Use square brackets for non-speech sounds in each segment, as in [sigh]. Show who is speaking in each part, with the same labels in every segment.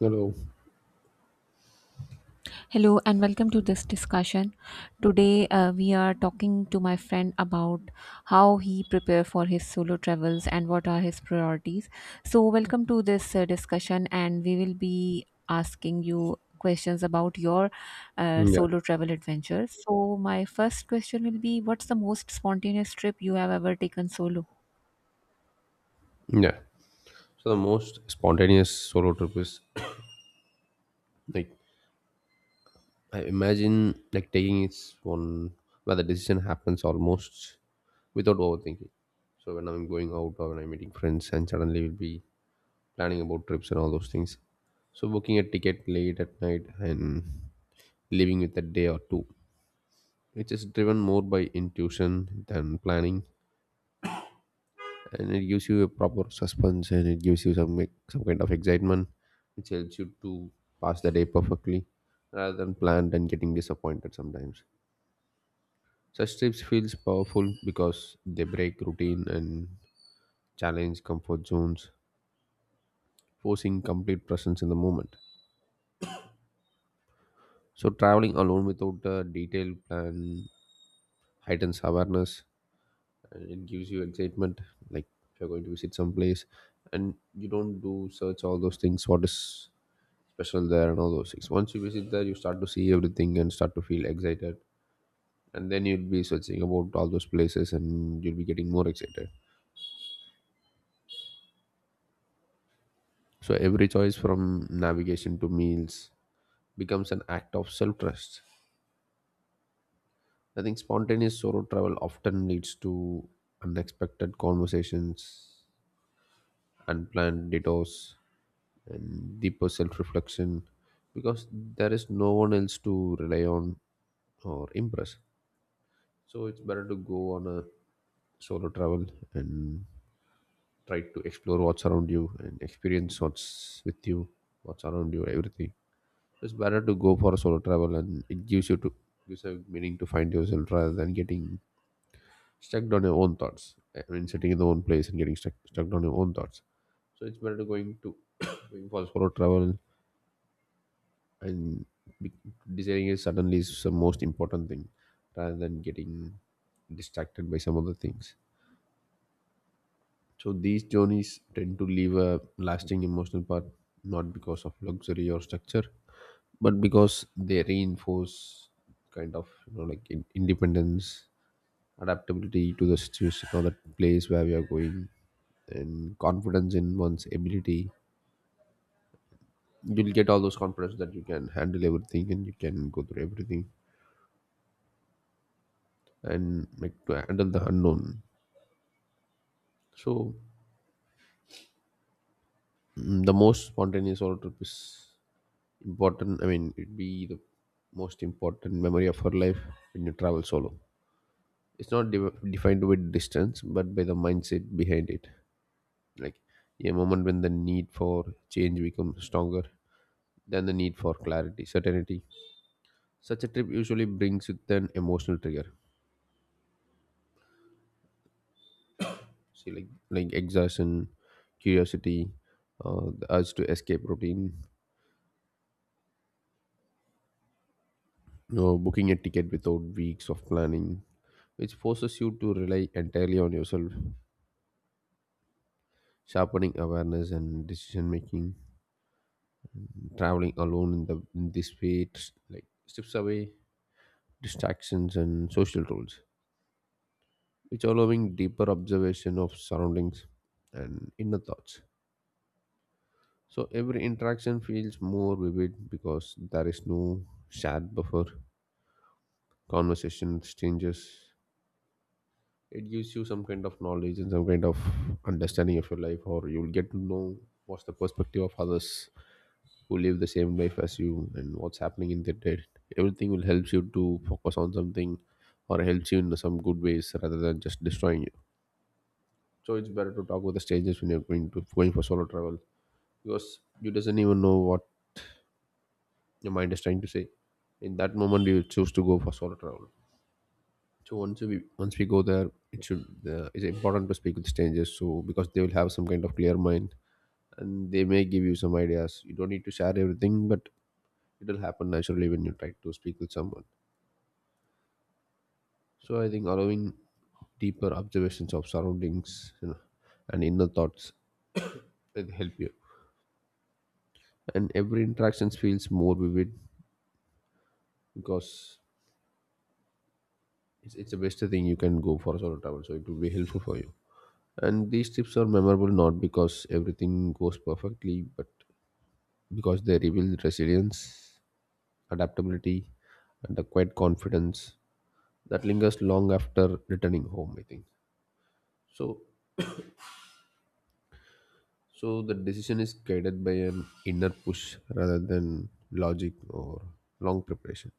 Speaker 1: Hello.
Speaker 2: Hello and welcome to this discussion. Today we are talking to my friend about how he prepare for his solo travels and what are his priorities. So welcome to this discussion and we will be asking you questions about your
Speaker 1: Yeah,
Speaker 2: solo travel adventures. So my first question will be, what's the most spontaneous trip you have ever taken solo?
Speaker 1: yeah. So the most spontaneous solo trip is [clears throat] like I imagine like taking it's one where the decision happens almost without overthinking. So when I'm going out or when I'm meeting friends and suddenly we'll be planning about trips and all those things. So booking a ticket late at night and leaving with a day or two, which is driven more by intuition than planning. And it gives you a proper suspense and it gives you some kind of excitement which helps you to pass the day perfectly rather than planned and getting disappointed sometimes. Such trips feels powerful because they break routine and challenge comfort zones, forcing complete presence in the moment. So traveling alone without a detailed plan heightens awareness and it gives you excitement. Like if you're going to visit some place and you don't do search all those things, what is special there and all those things. Once you visit there, you start to see everything and start to feel excited. And then you'll be searching about all those places and you'll be getting more excited. So every choice from navigation to meals becomes an act of self trust. I think spontaneous solo travel often leads to unexpected conversations, unplanned detours, and deeper self reflection, because there is no one else to rely on or impress. So it's better to go on a solo travel and try to explore what's around you and experience what's with you, what's around you, everything. It's better to go for a solo travel and it gives you to gives a meaning to find yourself rather than getting stuck on your own thoughts. I mean sitting in the own place and getting stuck on your own thoughts. So it's better to going to [coughs] going for solo travel and be- deciding is suddenly is the most important thing rather than getting distracted by some other things. So these journeys tend to leave a lasting emotional part, not because of luxury or structure, but because they reinforce kind of you know like independence, adaptability to the situation or the place where we are going, and confidence in one's ability. You'll get all those confidence that you can handle everything and you can go through everything and like to handle the unknown. So the most spontaneous or trip is important. I mean it'd be the most important memory of her life. When you travel solo it's not defined with distance but by the mindset behind it, like a moment when the need for change becomes stronger than the need for clarity certainty. Such a trip usually brings with an emotional trigger, see like exhaustion, curiosity, the urge to escape routine. You know, booking a ticket without weeks of planning, which forces you to rely entirely on yourself, sharpening awareness and decision making. Traveling alone in the in this way, it like strips away distractions and social roles, which allowing deeper observation of surroundings and inner thoughts. So every interaction feels more vivid because there is no shared buffer. Conversation with strangers, it gives you some kind of knowledge and some kind of understanding of your life, or you'll get to know what's the perspective of others who live the same life as you and what's happening in their head. Everything will help you to focus on something or helps you in some good ways rather than just destroying you. So it's better to talk with the strangers when you're going to going for solo travel, because you doesn't even know what your mind is trying to say. In that moment, you choose to go for solo travel. So once we go there, it should it's important to speak with strangers. So because they will have some kind of clear mind and they may give you some ideas. You don't need to share everything, but it'll happen naturally when you try to speak with someone. So I think allowing deeper observations of surroundings, you know, and inner thoughts will help you. And every interaction feels more vivid because it's the best thing you can go for solo travel. So it will be helpful for you. And these tips are memorable not because everything goes perfectly, but because they reveal resilience, adaptability, and a quiet confidence that lingers long after returning home, I think. So So the decision is guided by an inner push rather than logic or long preparation.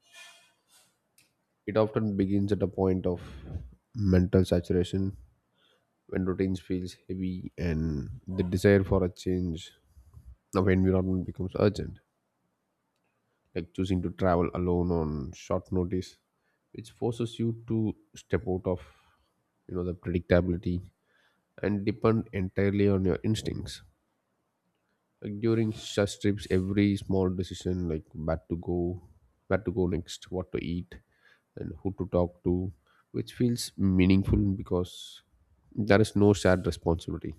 Speaker 1: It often begins at a point of mental saturation when routines feels heavy and the desire for a change of environment becomes urgent, like choosing to travel alone on short notice, which forces you to step out of, you know, the predictability and depend entirely on your instincts. Like during such trips, every small decision, like where to go next, what to eat, and who to talk to, which feels meaningful because there is no shared responsibility.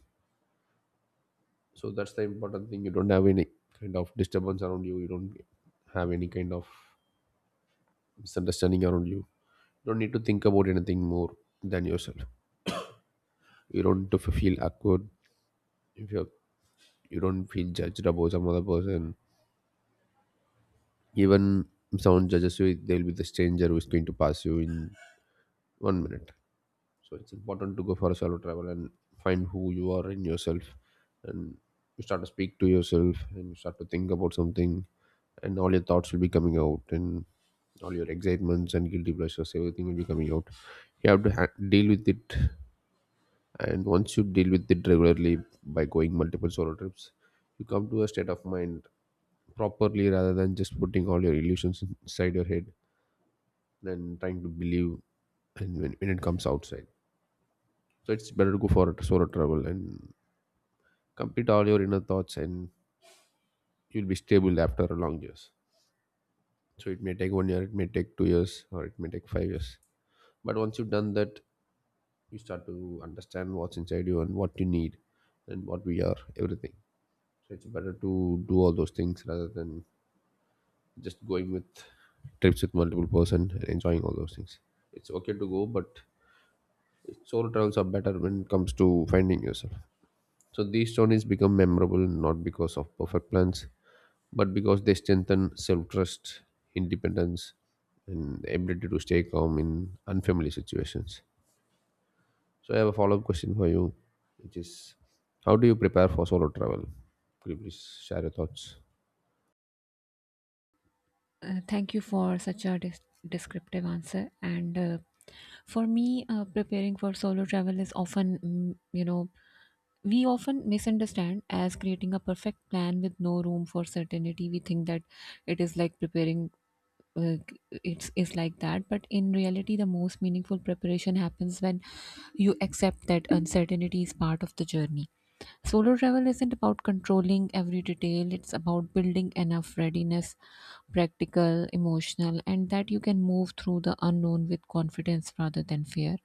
Speaker 1: So that's the important thing. You don't have any kind of disturbance around you. You don't have any kind of misunderstanding around you. You don't need to think about anything more than yourself. You don't need to feel awkward if you don't feel judged about some other person. Even someone judges you, they'll be the stranger who's going to pass you in 1 minute. So it's important to go for a solo travel and find who you are in yourself, and you start to speak to yourself and you start to think about something, and all your thoughts will be coming out, and all your excitements and guilty pleasures everything will be coming out. You have to deal with it, and once you deal with it regularly by going multiple solo trips, you come to a state of mind properly rather than just putting all your illusions inside your head than trying to believe and when it comes outside. So it's better to go for a solo travel and complete all your inner thoughts, and you'll be stable after a long years. So it may take 1 year, it may take 2 years, or it may take 5 years. But once you've done that, you start to understand what's inside you and what you need and what we are, everything. So it's better to do all those things rather than just going with trips with multiple person and enjoying all those things. It's okay to go, but solo travels are better when it comes to finding yourself. So these journeys become memorable not because of perfect plans, but because they strengthen self trust, independence, and the ability to stay calm in unfamiliar situations. So I have a follow up question for you, which is how do you prepare for solo travel? Could you please share your thoughts?
Speaker 2: Thank you for such a descriptive answer. And For me, preparing for solo travel is often, we often misunderstand as creating a perfect plan with no room for certainty. We think that it is like preparing. Uh, it's is like that, but in reality, the most meaningful preparation happens when you accept that uncertainty is part of the journey. Solo travel isn't about controlling every detail, it's about building enough readiness, practical, emotional, and that you can move through the unknown with confidence rather than fear.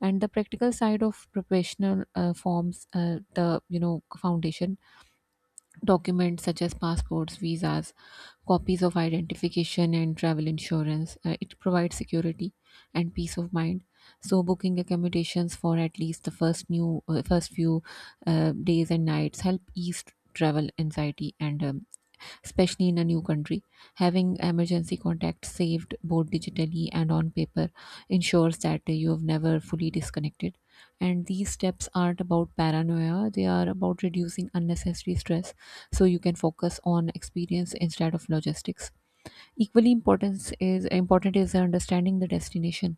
Speaker 2: And the practical side of professional forms the foundation documents such as passports, visas, copies of identification, and travel insurance. It provides security and peace of mind. So booking accommodations for at least the first few days and nights help ease travel anxiety, and especially in a new country, having emergency contacts saved both digitally and on paper ensures that you have never fully disconnected. And these steps aren't about paranoia, they are about reducing unnecessary stress, so you can focus on experience instead of logistics. Equally important is understanding the destination,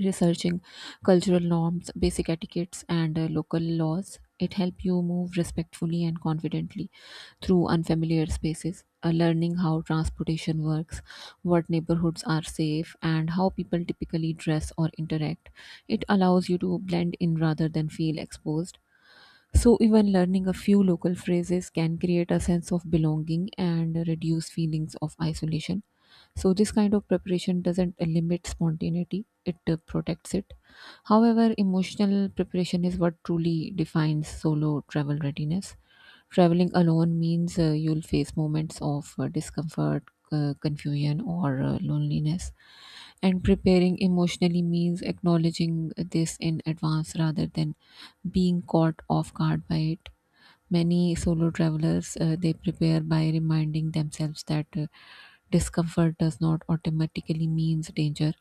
Speaker 2: researching cultural norms, basic etiquettes, and local laws. It help you move respectfully and confidently through unfamiliar spaces. Learning how transportation works, what neighborhoods are safe, and how people typically dress or interact, it allows you to blend in rather than feel exposed. So even learning a few local phrases can create a sense of belonging and reduce feelings of isolation. So this kind of preparation doesn't limit spontaneity, it protects it. However, emotional preparation is what truly defines solo travel readiness. Traveling alone means you'll face moments of discomfort, confusion, or loneliness. And preparing emotionally means acknowledging this in advance rather than being caught off guard by it. Many solo travelers they prepare by reminding themselves that discomfort does not automatically means danger.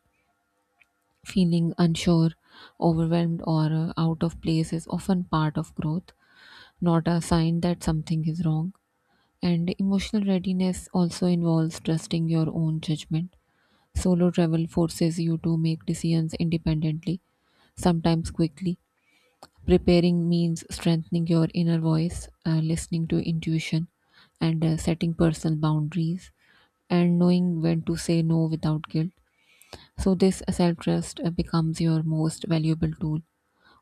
Speaker 2: Feeling unsure, overwhelmed, or out of place is often part of growth, not a sign that something is wrong. And emotional readiness also involves trusting your own judgment. Solo travel forces you to make decisions independently, sometimes quickly. Preparing means strengthening your inner voice, listening to intuition, and setting personal boundaries, and knowing when to say no without guilt. So this self trust becomes your most valuable tool,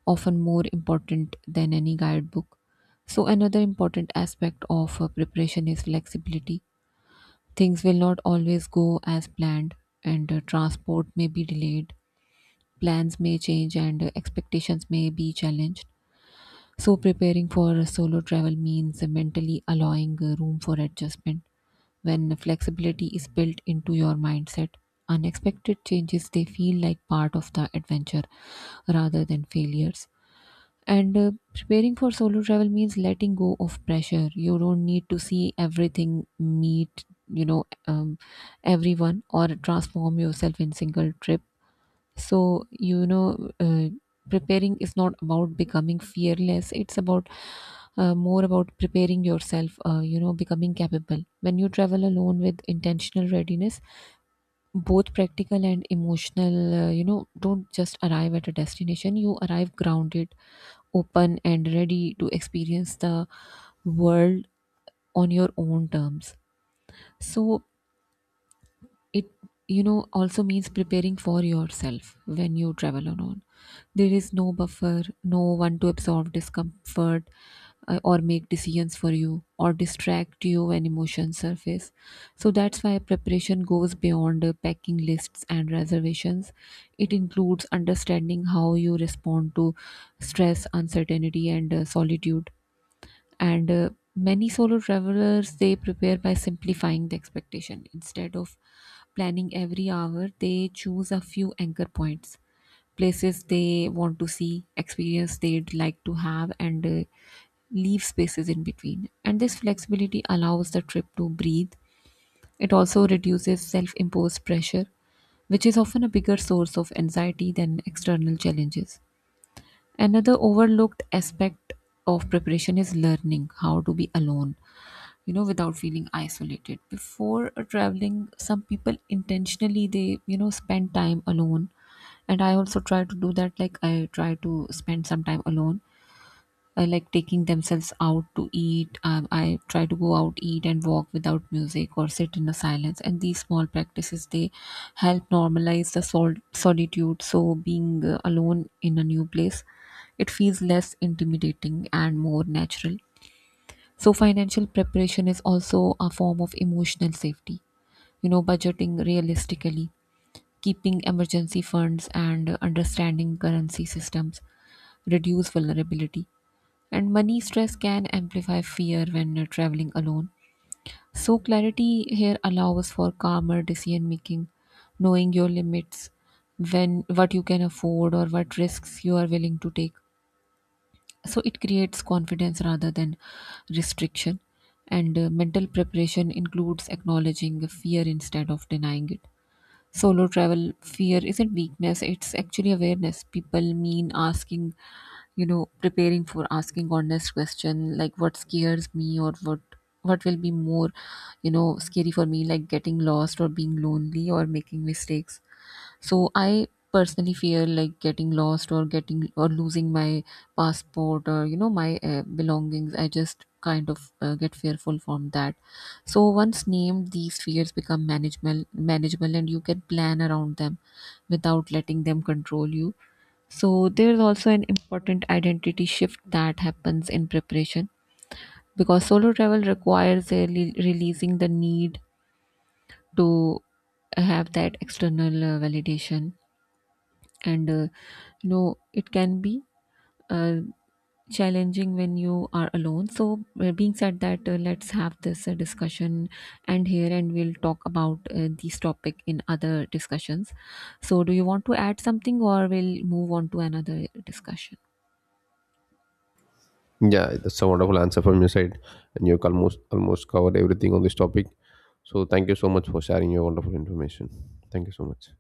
Speaker 2: often more important than any guidebook. So another important aspect of preparation is flexibility. Things will not always go as planned, and transport may be delayed, plans may change, and expectations may be challenged. So preparing for a solo travel means mentally allowing room for adjustment. When flexibility is built into your mindset, unexpected changes they feel like part of the adventure rather than failures. And preparing for solo travel means letting go of pressure. You don't need to see everything, meet, you know, um, everyone, or transform yourself in single trip. So preparing is not about becoming fearless, it's about more about preparing yourself. Becoming capable when you travel alone with intentional readiness, both practical and emotional, don't just arrive at a destination, you arrive grounded, open, and ready to experience the world on your own terms. So it also means preparing for yourself. When you travel alone, there is no buffer, no one to absorb discomfort, or make decisions for you, or distract you when emotions surface. So that's why preparation goes beyond packing lists and reservations. It includes understanding how you respond to stress, uncertainty, and solitude. And Many solo travelers they prepare by simplifying the expectation. Instead of planning every hour, they choose a few anchor points, places they want to see, experience they'd like to have, and leave spaces in between. And this flexibility allows the trip to breathe. It also reduces self-imposed pressure, which is often a bigger source of anxiety than external challenges. Another overlooked aspect of preparation is learning how to be alone, without feeling isolated. Before traveling, some people intentionally spend time alone. And I also try to do that. Like, I try to spend some time alone, like taking themselves out to eat. I try to go out, eat, and walk without music, or sit in the silence. And these small practices they help normalize the solitude. So being alone in a new place, it feels less intimidating and more natural. So financial preparation is also a form of emotional safety. You know, budgeting realistically, keeping emergency funds, and understanding currency systems reduce vulnerability. And money stress can amplify fear when you traveling alone. So clarity here allows for calmer decision making, knowing your limits, when what you can afford or what risks you are willing to take. So it creates confidence rather than restriction. And Mental preparation includes acknowledging fear instead of denying it. Solo travel fear isn't weakness, it's actually awareness. People mean asking, you know, preparing for asking honest question like, what scares me? Or what will be more, you know, scary for me? Like getting lost, or being lonely, or making mistakes. So I personally fear like getting lost, or getting, or losing my passport, or you know my belongings. I just kind of get fearful from that. So once named, these fears become manageable, and you can plan around them without letting them control you. So there is also an important identity shift that happens in preparation, because solo travel requires really releasing the need to have that external validation, and you know it can be uh, challenging when you are alone. So, being said that, let's have this discussion and here, and we'll talk about this topic in other discussions. So, do you want to add something, or we'll move on to another discussion?
Speaker 1: Yeah, that's a wonderful answer from your side, and you almost covered everything on this topic. So thank you so much for sharing your wonderful information. Thank you so much.